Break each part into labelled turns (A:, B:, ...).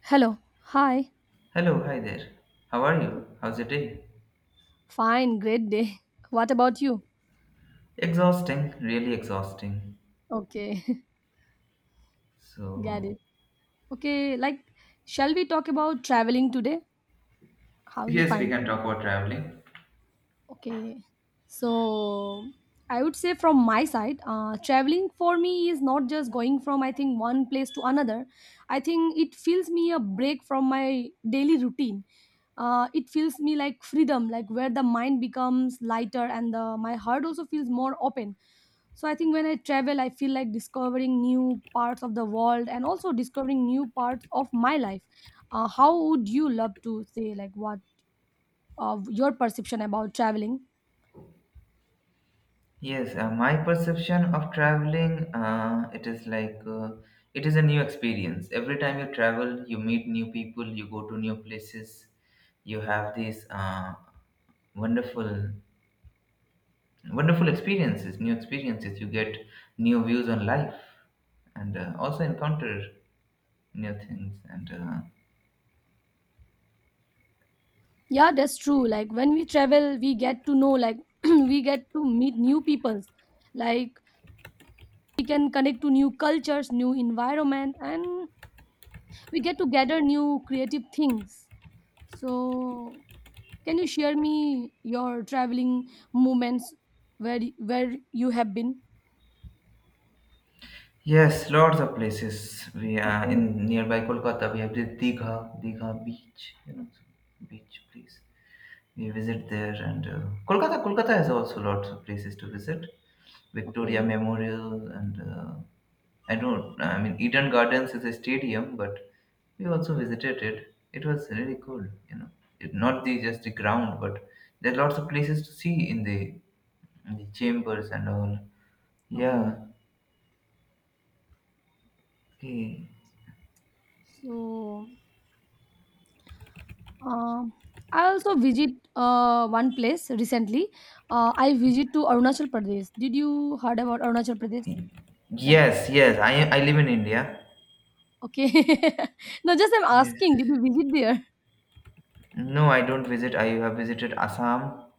A: Hello. Hi.
B: Hello, hi there. How are you? How's your day?
A: Fine. Great day. What about you?
B: Exhausting, really exhausting.
A: Okay. Got
B: So,
A: it. Okay. Like, shall we talk about traveling today? How you
B: yes, we
A: find?
B: can talk about traveling.
A: Okay, so I would say from my side, traveling for me is not just going from I think one place to another. I think it feels me a break from my daily routine. It feels me like freedom, like where the mind becomes lighter and the my heart also feels more open. So I think when I travel, I feel like discovering new parts of the world and also discovering new parts of my life. How would you love to say like what of your perception about traveling?
B: Yes, my perception of traveling, it is like it is a new experience. Every time you travel, you meet new people, you go to new places, you have these wonderful, wonderful experiences, new experiences. You get new views on life, and also encounter new things and.
A: Yeah, that's true. Like when we travel, we get to know, like we get to meet new peoples. Like we can connect to new cultures, new environment, and we get to gather new creative things. So, can you share me your traveling moments where you have been?
B: Yes, lots of places. We are
A: Okay,
B: in nearby Kolkata. We have the Digha Beach, so beach place. We visit there, and Kolkata has also lots of places to visit. Victoria
A: okay,
B: Memorial, and I don't, I mean, Eden Gardens is a stadium, but we also visited it. It was really cool, you know. Not the just the ground, but there are lots of places to see in the chambers and all. Yeah.
A: okay.
B: Okay.
A: So, um, I also visit one place recently. I visit to Arunachal Pradesh. Did you heard about Arunachal Pradesh? Like,
B: Yes, yes. I live in India.
A: okay. No, just I'm
B: Yes.
A: asking, did you visit there?
B: No, I don't visit. I have visited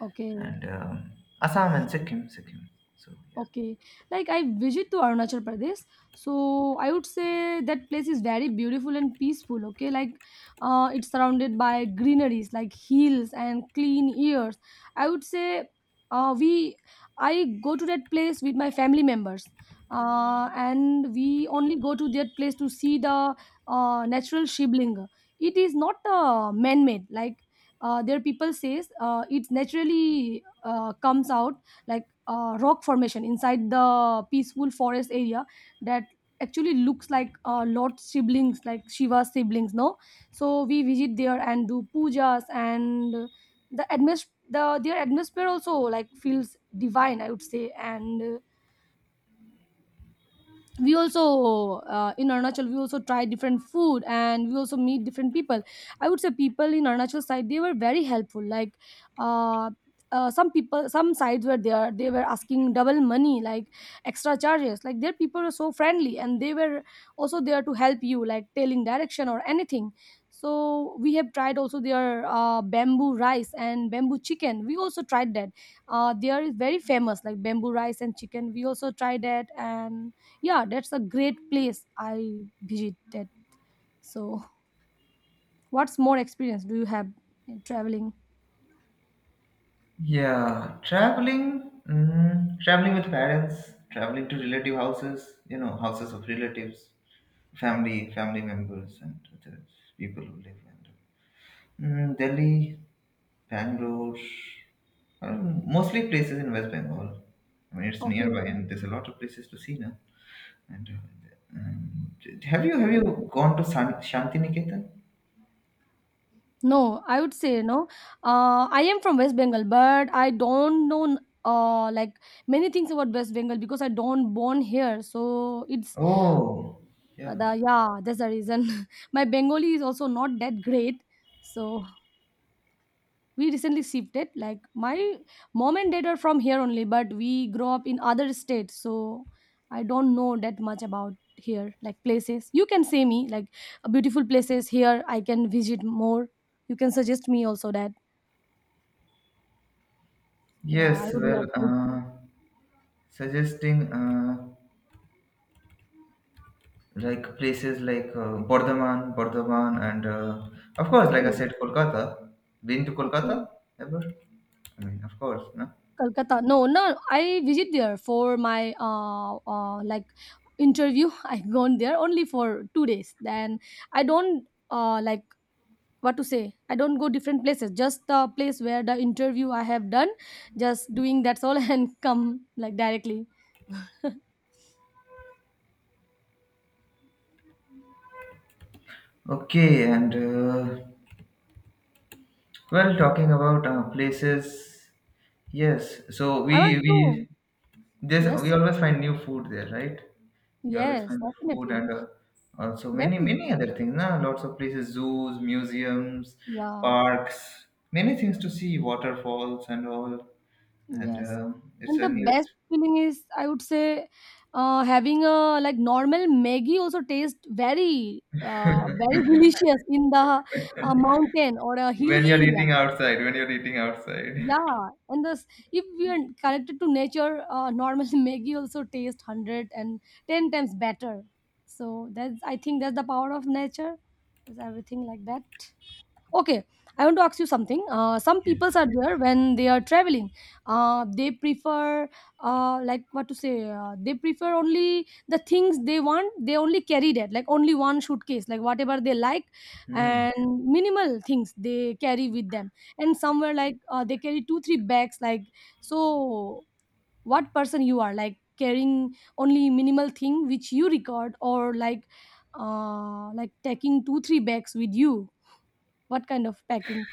A: Okay.
B: and um, Assam and Sikkim. So yeah.
A: Okay, like I visit to Arunachal Pradesh, so I would say that place is very beautiful and peaceful. Okay, like it's surrounded by greeneries, like hills and clean airs. I would say we I go to that place with my family members, and we only go to that place to see the natural shibling. It is not man-made, like their people says it naturally comes out like rock formation inside the peaceful forest area that actually looks like lot siblings like shiva's siblings no, so we visit there and do pujas, and the their atmosphere also like feels divine, I would say. And we also in Arunachal we also try different food and we also meet different people. I would say people in Arunachal side they were very helpful. Like uh, some people some sides were there they were asking double money like extra charges. Like their people were so friendly, and they were also there to help you like telling direction or anything. So we have tried also their bamboo rice and bamboo chicken. We also tried that. There is very famous like bamboo rice and chicken. We also tried that. And yeah, that's a great place I visited. So, what's more experience do you have in traveling?
B: Yeah, traveling, traveling with parents, traveling to relative houses. You know, houses of relatives, family, family members, and other people who live in Delhi, Bangalore, mostly places in West Bengal. I mean, it's
A: Okay.
B: nearby, and there's a lot of places to see now. And, have you have
A: Okay.
B: you gone to Shantiniketan?
A: No, I would say no. I am from West Bengal, but I don't know uh like many things about West Bengal because I don't born here. So it's
B: Oh, yeah.
A: the yeah, that's the reason. My Bengali is also not that great. So we recently shifted. Like my mom and dad are from here only, but we grow up in other states, so I don't know that much about here. Like places, you can say me like beautiful places here I can visit more. You can suggest me also that. Yeah, I
B: Yes,
A: would
B: well,
A: love to.
B: suggesting like places like Bardhaman, and of course, like I
A: Okay,
B: said, Kolkata. Been to Kolkata
A: okay.
B: ever? I mean, of course, no.
A: Calcutta, no, no. I visit there for my interview. I gone there only for 2 days, then I don't what to say, I don't go different places, just the place where the interview I have done, just doing, that's all. And come like directly.
B: Okay, and well, talking about places, yes. So
A: I want to.
B: we
A: Yes,
B: always find new food there, right? You always
A: yes,
B: find food
A: definitely.
B: and also many
A: Definitely,
B: other things. Na? Lots of places, zoos, museums,
A: yeah.
B: parks, many things to see, waterfalls and all. And
A: Yes.
B: it's
A: And
B: a
A: the
B: new
A: best
B: ex-
A: feeling is, I would say, having a like normal Maggie also tastes very very delicious in the mountain or a
B: when
A: hilly
B: you're
A: area.
B: eating outside. When you're eating outside.
A: Yeah, and this if we are connected to nature, normally Maggie also tastes 110 times better. So that's, I think that's the power of nature, is everything like that. Okay, I want to ask you something. Some peoples
B: Yes.
A: are there when they are traveling. Uh, they prefer, like what to say, they prefer only the things they want. They only carry that, like only one suitcase, like whatever they like,
B: Hmm.
A: and minimal things they carry with them. And somewhere like they carry two, three bags. Like so, what person you are, like carrying only minimal thing which you record, or like taking two, three bags with you. What kind of packing?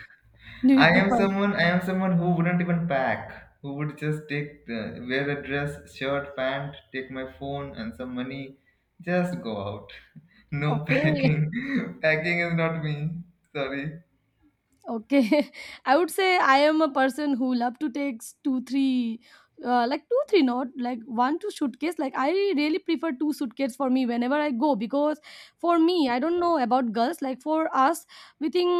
B: I
A: N'oublie
B: am
A: pas,
B: someone. I am someone who wouldn't even pack. Who would just take wear a dress, shirt, pant, take my phone and some money, just go out. No
A: OK.
B: packing. Packing is not me. Sorry.
A: Okay. I would say I am a person who love to take two, three, two, three, not like one, two suitcase. Like I really prefer two suitcase for me whenever I go, because for me, I don't know about girls. Like for us, we think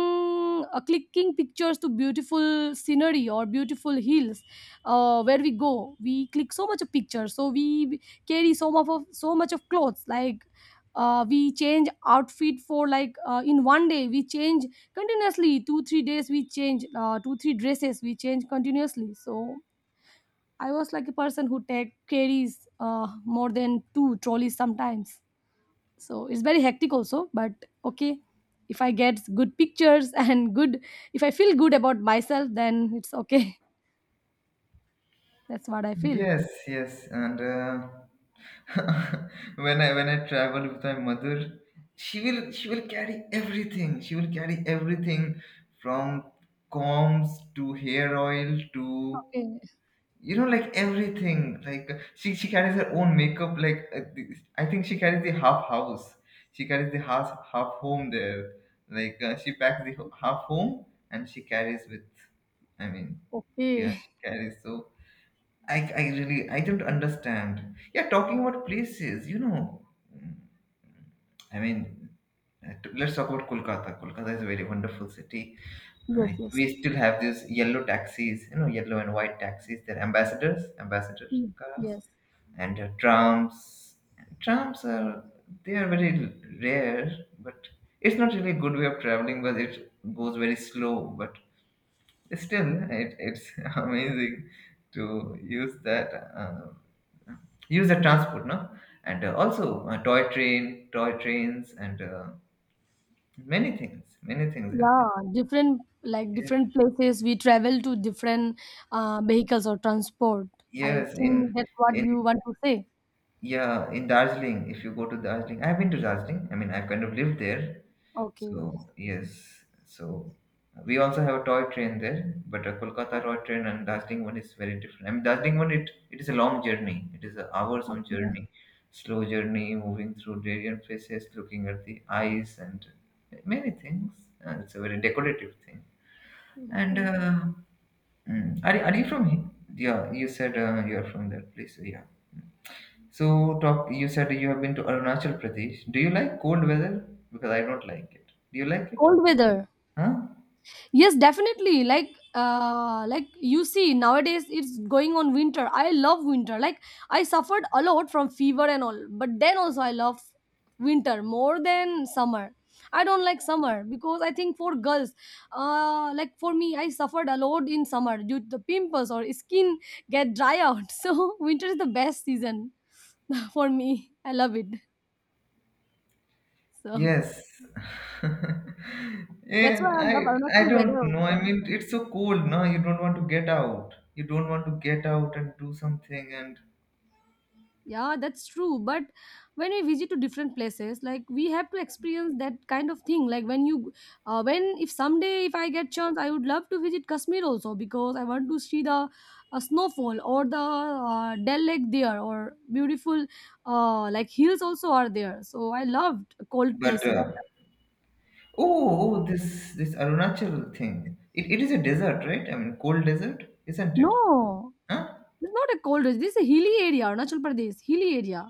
A: clicking pictures to beautiful scenery or beautiful hills, where we go, we click so much of pictures. So we carry so much of clothes. Like we change outfit for like in one day we change continuously, 2 3 days we change 2 3 dresses we change continuously. So I was like a person who take carries more than two trolleys sometimes. So it's very hectic also, but okay, if I get good pictures and good, if I feel good about myself, then it's okay. That's what I feel.
B: Yes, yes, and when I travel with my mother, she will carry everything. She will carry everything from combs to hair oil to
A: Okay,
B: like everything. Like she carries her own makeup. Like I think she carries the half house. She carries the half home there. Like she packs the half home and she carries with. I mean,
A: okay.
B: yeah, she carries so. I really I don't understand. Yeah, talking about places, mm, I mean, let's talk about Kolkata. Kolkata is a very wonderful city.
A: Yes, yes.
B: We still have these yellow taxis, yellow and white taxis. They're ambassador
A: Mm,
B: cars,
A: yes.
B: and trams. Trams are they are very rare, but it's not really a good way of traveling. But it goes very slow, but still, it's amazing to um, use the transport, no? And also toy trains, and many things are there.
A: Yeah, different, like
B: Yes,
A: different places we travel to different vehicles or transport. I
B: yes,
A: think that's what
B: in
A: you want to say.
B: yeah, in Darjeeling, if you go to Darjeeling, I've been to Darjeeling. I mean, I've kind of lived there.
A: Okay.
B: So yes, so we also have a toy train there, but a Kolkata toy train and Darjeeling one is very different. I mean, Darjeeling one it is a long journey. It is an hours long
A: Okay.
B: journey, slow journey, moving through different places, looking at the eyes and many things. And it's a very decorative thing. And
A: Okay.
B: are you from here? Yeah, you said you are from that place. So yeah. So talk. You said you have been to Arunachal Pradesh. Do you like cold weather? Because I don't like it. Do you like it?
A: Cold weather.
B: Huh?
A: Yes, definitely. Like you see, nowadays it's going on winter. I love winter. Like, I suffered a lot from fever and all, but then also I love winter more than summer. I don't like summer because I think for girls, like for me, I suffered a lot in summer due to the pimples or skin get dry out. So winter is the best season for me. I love it. So
B: Yes.
A: that's why
B: And
A: I
B: I
A: love
B: I
A: Arunachal
B: don't
A: weather
B: know. I
A: also.
B: mean, it's so cold, no? You don't want to get out. You don't want to get out and do something and
A: Yeah, that's true. But when we visit to different places, like we have to experience that kind of thing. When if someday if I get chance, I would love to visit Kashmir also because I want to see the snowfall or the Dal Lake there or beautiful like hills also are there. So I loved cold
B: but
A: places.
B: oh, oh this this Arunachal thing. It is a desert, right? I mean, cold desert, isn't it?
A: No,
B: Huh?
A: it's not a cold. This is a hilly area, Arunachal Pradesh, hilly area.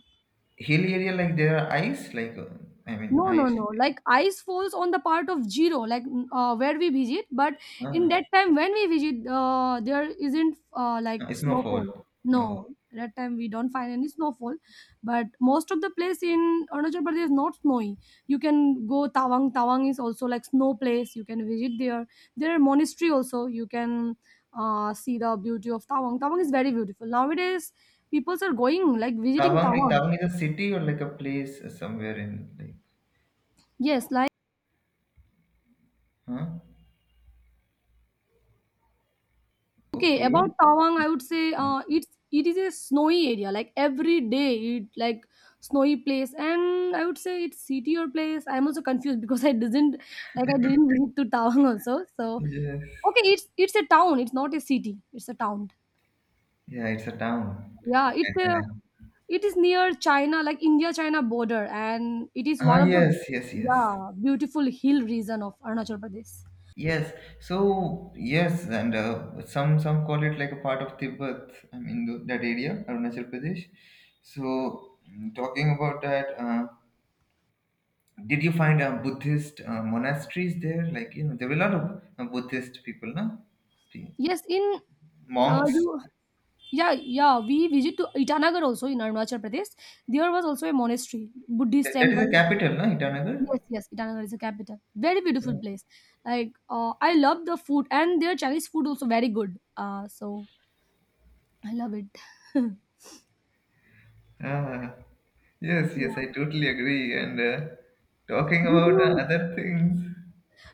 B: Hilly area like there are ice, like I mean,
A: No, no,
B: ice.
A: no. Like ice falls on the part of zero, like where we visit. But in
B: Uh,
A: that time when we visit, there isn't like
B: snowfall.
A: snowfall.
B: Oh,
A: No, that time we don't find any snowfall. But most of the place in Arunachal Pradesh is not snowy. You can go Tawang. Tawang is also like snow place. You can visit there. There are monastery also. You can see the beauty of Tawang. Tawang is very beautiful. Nowadays, people are going like visiting
B: Tawang
A: Tawang.
B: Tawang is a city or like a place somewhere in like,
A: Yes, like.
B: huh?
A: Okay,
B: Okay.
A: about Tawang, I would say it is a snowy area. Like every day, it like snowy place, and I would say it's city or place. I'm also confused because I didn't visit to Tawang also. So
B: Yes.
A: okay, it's a town. It's not a city. It's a town.
B: Yeah, it's a town.
A: Yeah, it's a
B: And,
A: it is near China, like India China border, and it is one of the
B: yes, yes, yes,
A: yeah beautiful hill region of Arunachal Pradesh.
B: yes. So yes, and some call it like a part of Tibet. I mean that area, Arunachal Pradesh. So talking about that, did you find Buddhist monasteries there? Like you know, there were a lot of Buddhist people, no? The
A: Yes, in
B: monks.
A: you Yeah, yeah. We visit to Itanagar also in Arunachal Pradesh. There was also a monastery, Buddhist
B: That is the
A: temple.
B: capital, no? Itanagar.
A: Yes, yes. Itanagar is the capital. Very beautiful place. Like I love the food and their Chinese food also very good. So I love it.
B: Ah, yes,
A: Yeah.
B: yes, I totally agree. And talking
A: Did
B: about
A: you,
B: other things.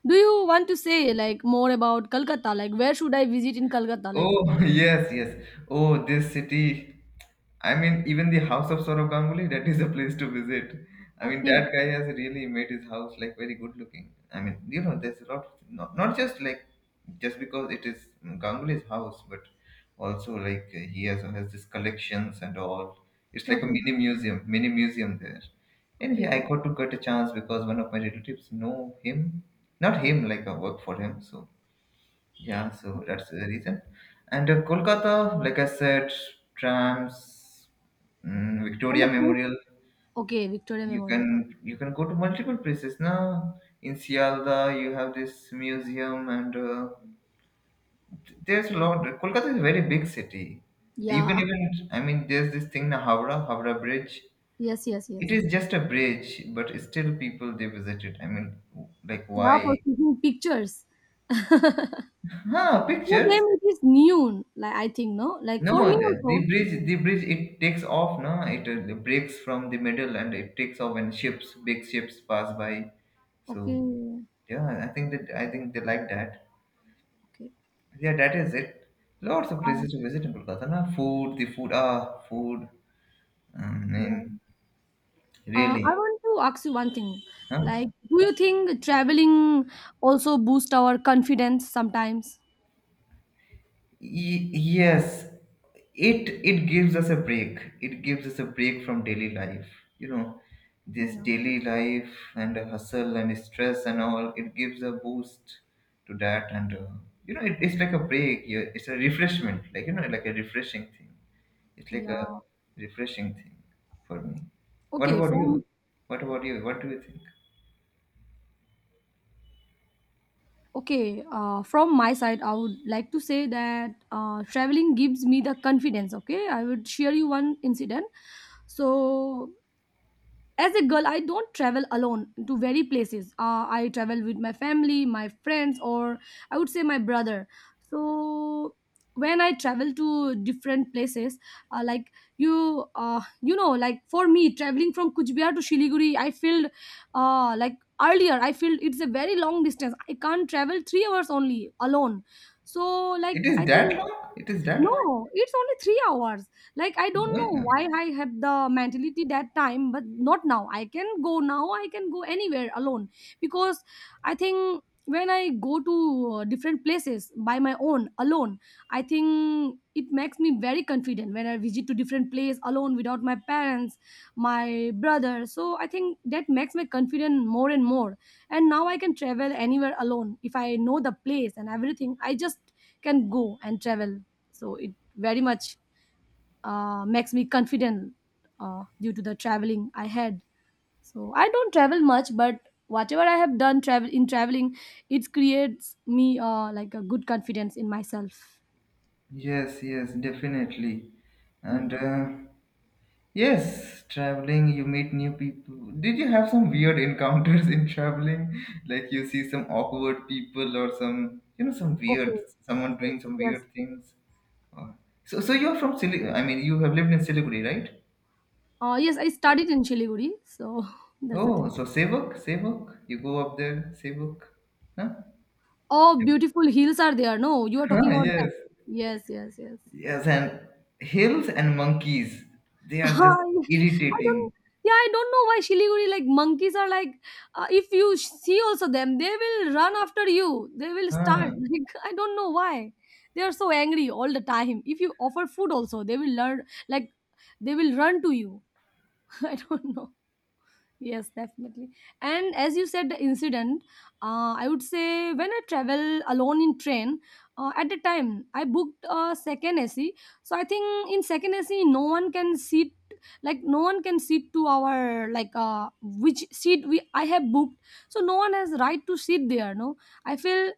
A: do you want to say like more about Kolkata? Like where should I visit in Kolkata? Like
B: Oh, yes, yes. Oh, this city. I mean, even the house of Saurabh Ganguly, that is a place to visit. I mean,
A: okay,
B: that guy has really made his house like very good looking. I mean, there's a lot, not just because it is Ganguly's house, but also like he also has these collections and all. It's like a
A: okay,
B: mini museum there. Anyway, I
A: okay. Okay.
B: got to get a chance because one of my relatives know him, not him, like I work for him, so yeah, so that's the reason. And Kolkata, like I said, trams,
A: And
B: Victoria
A: the place?
B: Memorial.
A: Okay, Victoria
B: You
A: Memorial.
B: can you can go to multiple places now. In Sialda, you have this museum, and there's a lot. Kolkata is a very big city. You can
A: Yeah.
B: even, I mean, there's this thing, na Howrah Bridge.
A: Yes, yes,
B: It
A: yes.
B: is just a bridge, but still people they visit it. I mean, like
A: Yeah, for
B: why?
A: taking pictures.
B: Huh,
A: For
B: pictures.
A: them it is noon, like I think, no? Like
B: No,
A: for me
B: the,
A: also.
B: the bridge, the bridge, it takes off, no? It breaks from the middle and it takes off when ships, big ships pass by.
A: Okay.
B: So yeah, I think that I think they like that.
A: Okay.
B: Yeah, that is it. Lots of
A: Uh,
B: places to visit in Kolkata, na? Food, the food, food. I
A: yeah.
B: mean,
A: I
B: really,
A: want to ask you one thing.
B: huh?
A: Like, do you think traveling also boost our confidence sometimes?
B: Yes, it gives us a break. It gives us a break from daily life. You know, this
A: Yeah.
B: daily life and the hustle and stress and all. It gives a boost to that, and it's like a break. It's a refreshment, like a refreshing thing. It's like a
A: Yeah.
B: refreshing thing for me. What
A: Okay,
B: about
A: from
B: you? What about you? What do you think?
A: okay, from my side, I would like to say that traveling gives me the confidence. Okay, I would share you one incident. So as a girl I don't travel alone to very places. I travel with my family, my friends, or I would say my brother. So when I travel to different places, uh, like you uh, you know, like for me traveling from Kuchbihar to Shiliguri, I feel like earlier I feel it's a very long distance. I can't travel 3 hours only alone. So
B: It
A: like
B: is
A: I
B: that
A: think
B: long? It is that long?
A: no, it's only 3 hours. Like I don't know
B: Yeah.
A: why I have the mentality that time, but not now. I can go now. I can go anywhere alone because I think when I go to different places by my own alone, I think it makes me very confident when I visit to different place alone without my parents, my brother. So I think that makes me confident more and more, and now I can travel anywhere alone. If I know the place and everything, I just can go and travel. So it very much makes me confident due to the traveling I had. So I don't travel much, but whatever I have done travel in traveling, it creates me like a good confidence in myself.
B: Yes, yes, definitely. And
A: Yeah.
B: yes, traveling, you meet new people. Did you have some weird encounters in traveling? Like you see some awkward people or some
A: Okay.
B: weird, someone
A: Yes,
B: doing some
A: yes.
B: weird things. Or- So, you're from Siliguri, I mean, you have lived in Siliguri, right?
A: Yes, I studied in Shiliguri, so that's the
B: Oh,
A: thing.
B: so Sevak, you go up there, Sevak, huh?
A: Oh,
B: Yep.
A: beautiful hills are there, no? You are
B: Huh,
A: talking about that.
B: yes,
A: Yes, yes, yes.
B: yes, and hills and monkeys, they are just
A: Ah, yes. I
B: irritating.
A: don't. Yeah, I don't know why Shiliguri like monkeys are like. If you see also them, they will run after you. They will start.
B: Huh,
A: Like I don't know why they are so angry all the time. If you offer food also, they will learn like they will run to you. I don't know. Yes, definitely. And as you said, the incident, I would say when I travel alone in train, at the time I booked a second AC. So I think in second AC, no one can sit, like no one can sit to our like which seat we I have booked. So no one has right to sit there. No, I feel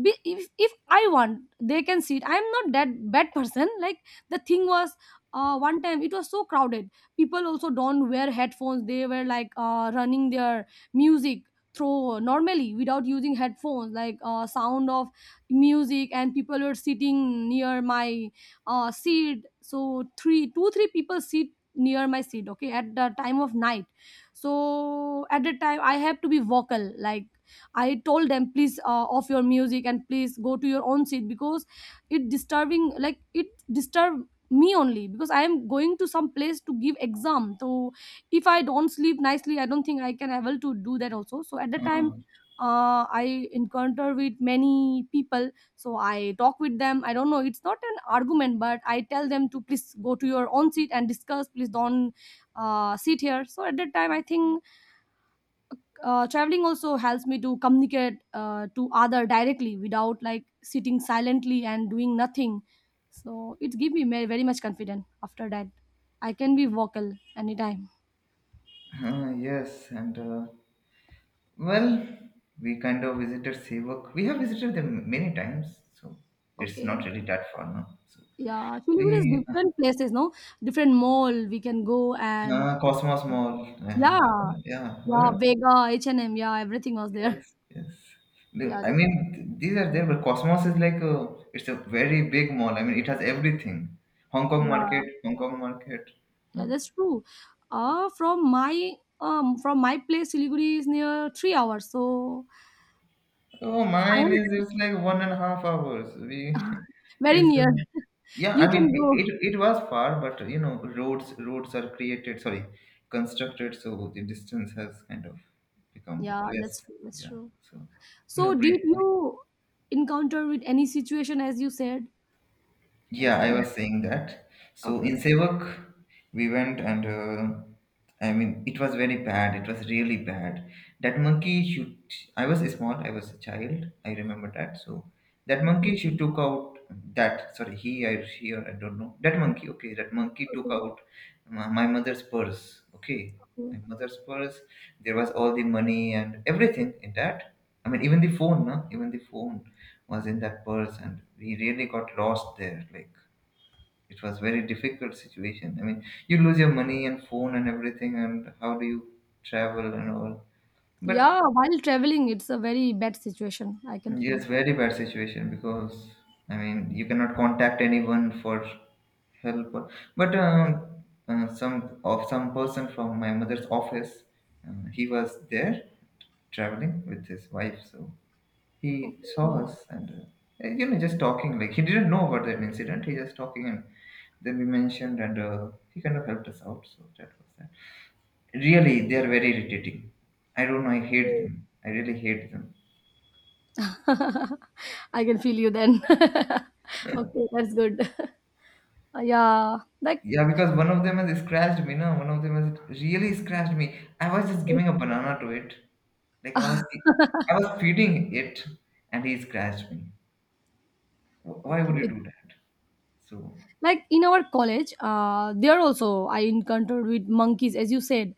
A: if I want they can sit. I'm not that bad person. Like the thing was, one time it was so crowded. People also don't wear headphones. They were like running their music through normally without using headphones, like sound of music, and people were sitting near my seat. So three two three people sit near my seat, okay, at the time of night. So at the time I have to be vocal. Like I told them, please off your music and please go to your own seat, because it disturbing, like it disturb me only because I am going to some place to give exam. So if I don't sleep nicely, I don't think I can able to do that also. So at the time.
B: huh,
A: I encounter with many people, so I talk with them. I don't know; it's not an argument, but I tell them to please go to your own seat and discuss. Please don't sit here. So at that time, I think traveling also helps me to communicate to other directly without like sitting silently and doing nothing. So it give me very, very much confidence. After that I can be vocal anytime.
B: huh, yes, and well, we kind of visited Sevok. We have visited them many times, so it's not
A: Okay.
B: really that far now. So
A: Yeah, Shiliguri is
B: we
A: different places, no? Different mall we can go and
B: Cosmos Mall.
A: yeah,
B: Yeah,
A: yeah,
B: well,
A: Vega, H&M, yeah, everything was
B: yes,
A: there.
B: yes.
A: Yeah,
B: I
A: that's
B: mean, these are there, but Cosmos is like a, it's a very big mall. I mean, it has everything. Hong Kong
A: yeah.
B: market, Hong Kong market. Huh?
A: Yeah, that's true. From my from my place Siliguri is near 3 hours, so
B: Oh,
A: I
B: mine is
A: have.
B: it's like 1.5 hours. We,
A: Very
B: it's
A: near.
B: yeah.
A: You
B: I mean,
A: can go.
B: it was far, but roads are created. Sorry, constructed, so the distance has kind of become
A: Yeah, that's
B: less.
A: true, that's
B: Yeah.
A: true.
B: So no
A: So, did
B: breathe.
A: you encounter with any situation as you said? Like,
B: Yeah, I
A: any- Yeah.
B: was saying that. So in
A: Okay,
B: Sevak, we went and I mean, it was very bad. It was really bad. That monkey, she, I was small. I was a child. I remember that. So that monkey,
A: okay,
B: she took out that. Sorry, he, I, she, or I don't know. That monkey. Okay, that monkey took
A: okay,
B: out my mother's purse. Okay,
A: okay.
B: my mother's purse. There was all the money and everything in that. I mean, even the phone, no? Even the phone was in that purse and we really got lost there. Like it was very difficult situation. I mean, you lose your money and phone and everything, and how do you travel and all? But
A: Yeah, while traveling, it's a very bad situation. I can
B: yes,
A: feel.
B: very bad situation because I mean you cannot contact anyone for help or- but some person from my mother's office he was there traveling with his wife, so he saw
A: Okay.
B: us and you know, just talking. Like he didn't know about that incident, he just talking, and then we mentioned and he kind of helped us out, so that was that. Really, they are very irritating. I don't know, I hate them, I really hate them.
A: I can feel you then. Okay, that's good. Yeah, like
B: Yeah, because one of them has scratched me. No, one of them has really scratched me. I was just giving a banana to it. like i was I was feeding it and he scratched me. Why would you
A: okay.
B: do that? So
A: Like in our college there also I encountered with monkeys as you said.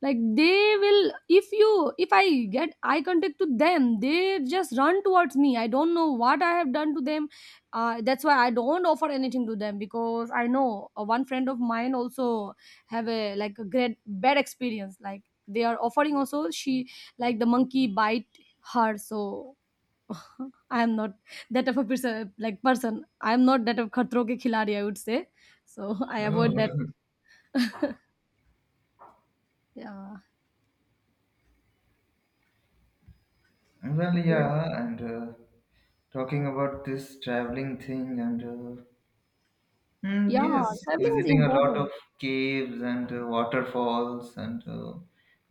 A: Like they will, if you, if I get eye contact to them, they just run towards me. I don't know what I have done to them. That's why I don't offer anything to them, because I know one friend of mine also have a like a great bad experience. Like they are offering also, she like the monkey bite her. So I am not that of a person, like person. I am not that of khatro ke khiladi, I would say. So I
B: oh.
A: avoid that. Yeah.
B: Well,
A: Okay.
B: yeah, and talking about this traveling thing, and
A: Yeah,
B: yes,
A: traveling is
B: visiting a lot of
A: important.
B: caves and waterfalls, and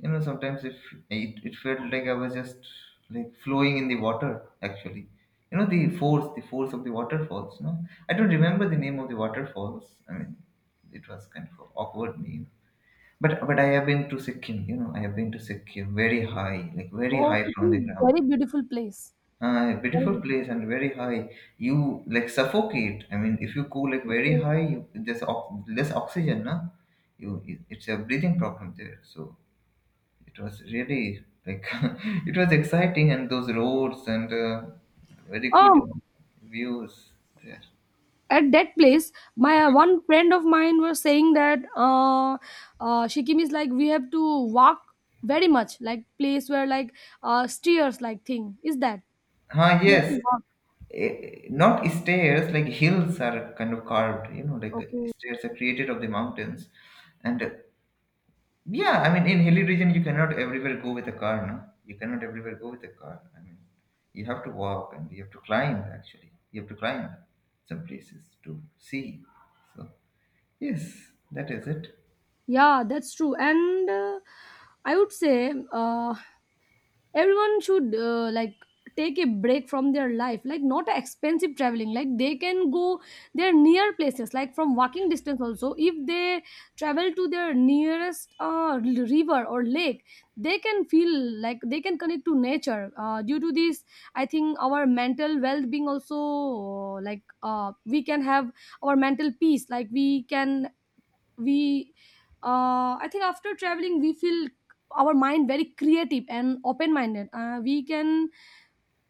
B: you know, sometimes if it felt like I was just like flowing in the water, actually. You know, the force of the waterfalls. No, I don't remember the name of the waterfalls. I mean, it was kind of an awkward name. But I have been to Sikkim. You know, I have been to Sikkim very high, like very
A: Oh,
B: high
A: it
B: from the
A: is
B: ground.
A: very beautiful place. Very
B: Beautiful
A: beautiful.
B: place and very high. You like suffocate. I mean, if you go like very
A: Okay.
B: high, there's less oxygen, na? You it's a breathing problem there. So it was really like it was exciting, and those roads and very good
A: Um,
B: views there.
A: at that place, my one friend of mine was saying that Sikkim is like we have to walk very much, like place where like stairs like thing. Is that?
B: Ah,
A: We have to
B: yes.
A: walk.
B: Eh, not stairs, like hills are kind of carved, you know, like
A: Okay.
B: stairs are created of the mountains. And yeah, I mean, in hilly region, you cannot everywhere go with a car, no? You cannot everywhere go with a car. I mean, you have to walk and you have to climb, actually. You have to climb some places to see. So, yes, that is it.
A: Yeah, that's true. And I would say everyone should like take a break from their life, like not expensive traveling. Like they can go their near places, like from walking distance also. If they travel to their nearest river or lake, they can feel like they can connect to nature. Due to this, I think our mental well-being also, like we can have our mental peace. Like we can we I think after traveling we feel our mind very creative and open minded. We can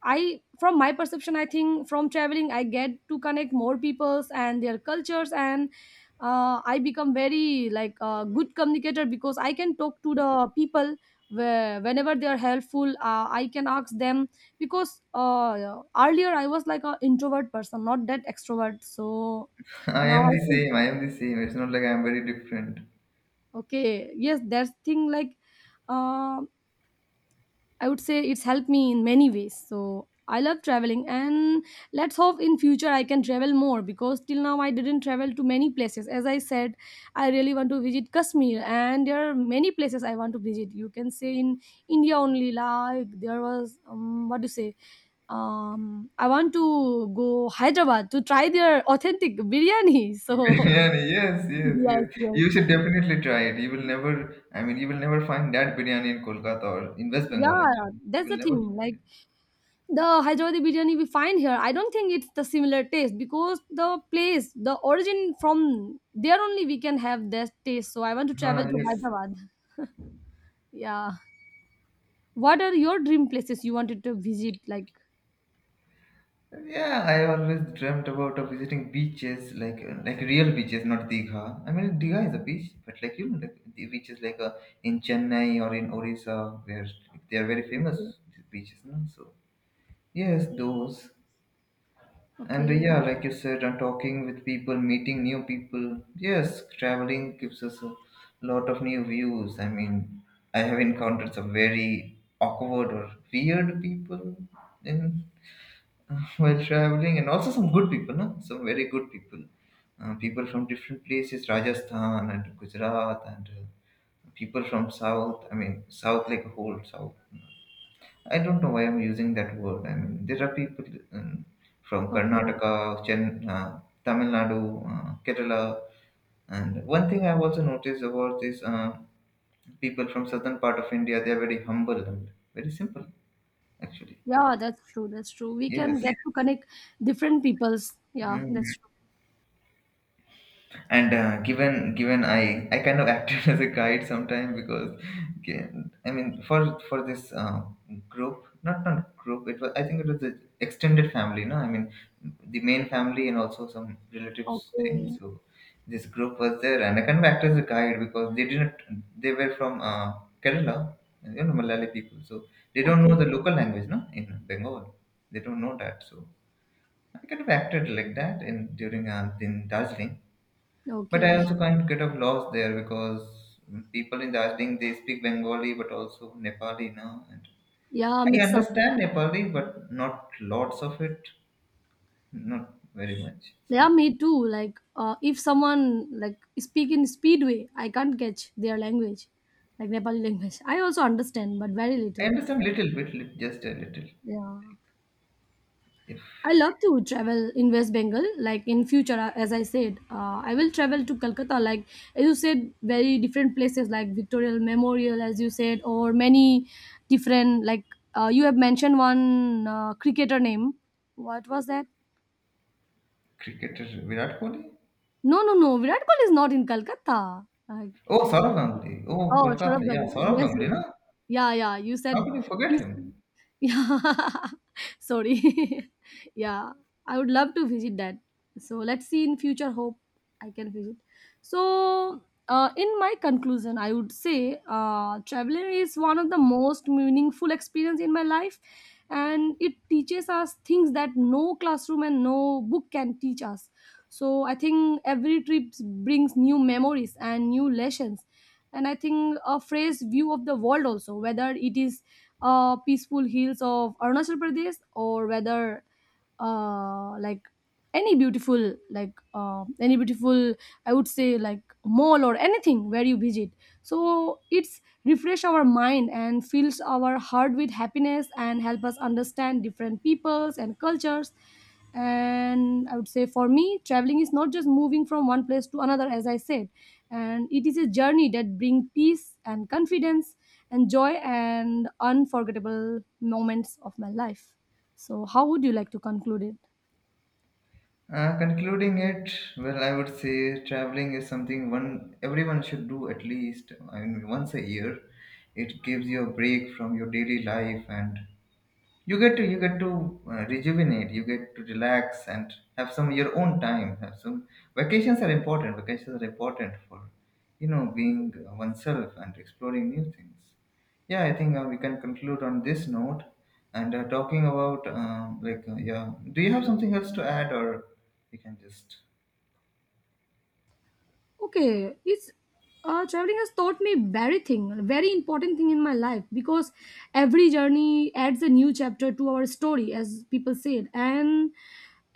A: I From my perception, I think from traveling I get to connect more peoples and their cultures, and I become very like a good communicator because I can talk to the people where, whenever they are helpful, I can ask them, because earlier I was like an introvert person, not that extrovert. So
B: I
A: now
B: am
A: I
B: the
A: think
B: same. I am the same. It's not like I am very different.
A: okay, yes, that's thing. Like uh, I would say it's helped me in many ways. So I love traveling, and let's hope in future I can travel more, because till now I didn't travel to many places. As I said, I really want to visit Kashmir, and there are many places I want to visit. You can say in India only, like there was what do you say? Um, I want to go Hyderabad to try their authentic biryani. So
B: Biryani, yes, yes,
A: yes,
B: yes.
A: yes,
B: You should definitely try it. You will never, I mean, you will never find that biryani in Kolkata or in West Bengal,
A: yeah,
B: actually. You
A: that's
B: will
A: the thing.
B: never find
A: Like
B: it.
A: the Hyderabadi biryani we find here, I don't think it's the similar taste, because the place, the origin from there only we can have that taste. So I want to travel
B: Ah,
A: to
B: yes.
A: Hyderabad. Yeah. What are your dream places you wanted to visit? Like,
B: Yeah, I always dreamt about visiting beaches, like real beaches, not Digha. I mean, Digha is a beach, but like, you know, like the beaches like in Chennai or in Orissa, where they are very famous,
A: okay,
B: these beaches, no? So yes, those. And
A: okay,
B: yeah, like you said, talking with people, meeting new people. Yes, traveling gives us a lot of new views. I mean, I have encountered some very awkward or weird people in while traveling, and also some good people, no? Some very good people. People from different places, Rajasthan and Gujarat, and people from south. I mean, south like a whole south. I don't know why I'm using that word. I mean, there are people um, from
A: okay.
B: Karnataka, Chen, uh, Tamil Nadu, Kerala. And one thing I've also noticed about is people from southern part of India, they are very humble and very simple, actually.
A: Yeah, that's true. That's true. We can
B: Yes.
A: get to connect different peoples. Yeah,
B: Hmm.
A: that's true.
B: And given I kind of acted as a guide sometime because okay, I mean for this group, not group, it was, I think it was the extended family, no? I mean the main family and also some relatives thing.
A: Okay,
B: So this group was there and I kind of acted as a guide because they didn't, they were from Kerala, you know, Malayali people. So they don't know
A: okay,
B: the local language, no, in Bengal, they don't know that. So I kind of acted like that in during in Darjeeling, but I
A: okay.
B: also can't get of lost there because people in Darjeeling, they speak Bengali but also Nepali now. And
A: Yeah,
B: I
A: mix up.
B: understand Nepali but not lots of it, not very much.
A: Yeah,
B: So
A: me too. Like, if someone like speak in speedway, I can't catch their language, like Nepali language. I also understand, but very
B: I
A: little.
B: understand little bit, just a little.
A: Yeah,
B: If
A: I love to travel in West Bengal. Like in future, as I said, I will travel to Calcutta. Like as you said, very different places like Victoria Memorial, as you said, or many different. Like you have mentioned one cricketer name. What was that?
B: cricketer Virat Kohli,
A: No, no, no. Virat Kohli is not in Calcutta. Like
B: oh Saurav Ganguly, oh
A: Oh,
B: Kolkata,
A: Saurabh
B: yeah
A: Ganguly.
B: Saurav
A: Yes,
B: Ganguly,
A: yes.
B: no?
A: Yeah, yeah. You
B: How
A: said
B: could you forget
A: he's.
B: him?
A: Yeah. Sorry. Yeah. I would love to visit that. So let's see in future. Hope I can visit. So, in my conclusion, I would say traveling is one of the most meaningful experience in my life, and it teaches us things that no classroom and no book can teach us. So I think every trip brings new memories and new lessons, and I think a fresh view of the world also, whether it is peaceful hills of Arunachal Pradesh, or whether uh, like any beautiful, I would say, like mall or anything where you visit. So it's refresh our mind and fills our heart with happiness and help us understand different peoples and cultures. And I would say for me traveling is not just moving from one place to another, as I said, and it is a journey that brings peace and confidence and joy and unforgettable moments of my life. So how would you like to conclude it?
B: Concluding it, well, I would say traveling is something one everyone should do at least. I mean, once a year, it gives you a break from your daily life, and you get to rejuvenate, you get to relax and have some your own time, have some, vacations are important, vacations are important for, you know, being oneself and exploring new things. Yeah, I think we can conclude on this note. And talking about like yeah, do you have something else to add, or we can just,
A: Okay, it's traveling has taught me very important thing in my life, because every journey adds a new chapter to our story, as people said. And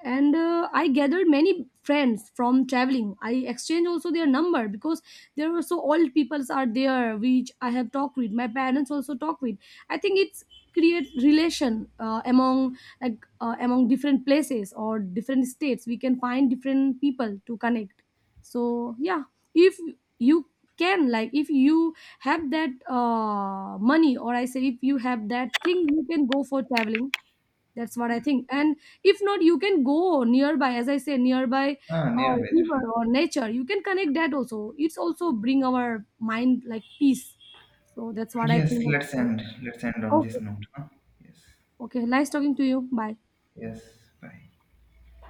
A: I gathered many friends from traveling. I exchanged also their number, because there were so old peoples are there which I have talked with. My parents also talk with. I think it's create relation among like among different places or different states. We can find different people to connect. So yeah, if you can, like if you have that money, or I say if you have that thing, you can go for traveling. That's what I think. And if not, you can go nearby, as I say, nearby
B: ah, nearby,
A: river or nature. You can connect that also. It's also bring our mind like peace. So that's what I
B: yes,
A: think about
B: let's end,
A: that.
B: let's end on this
A: Okay,
B: note, huh? Yes.
A: okay, nice talking to you, bye.
B: Yes. Bye.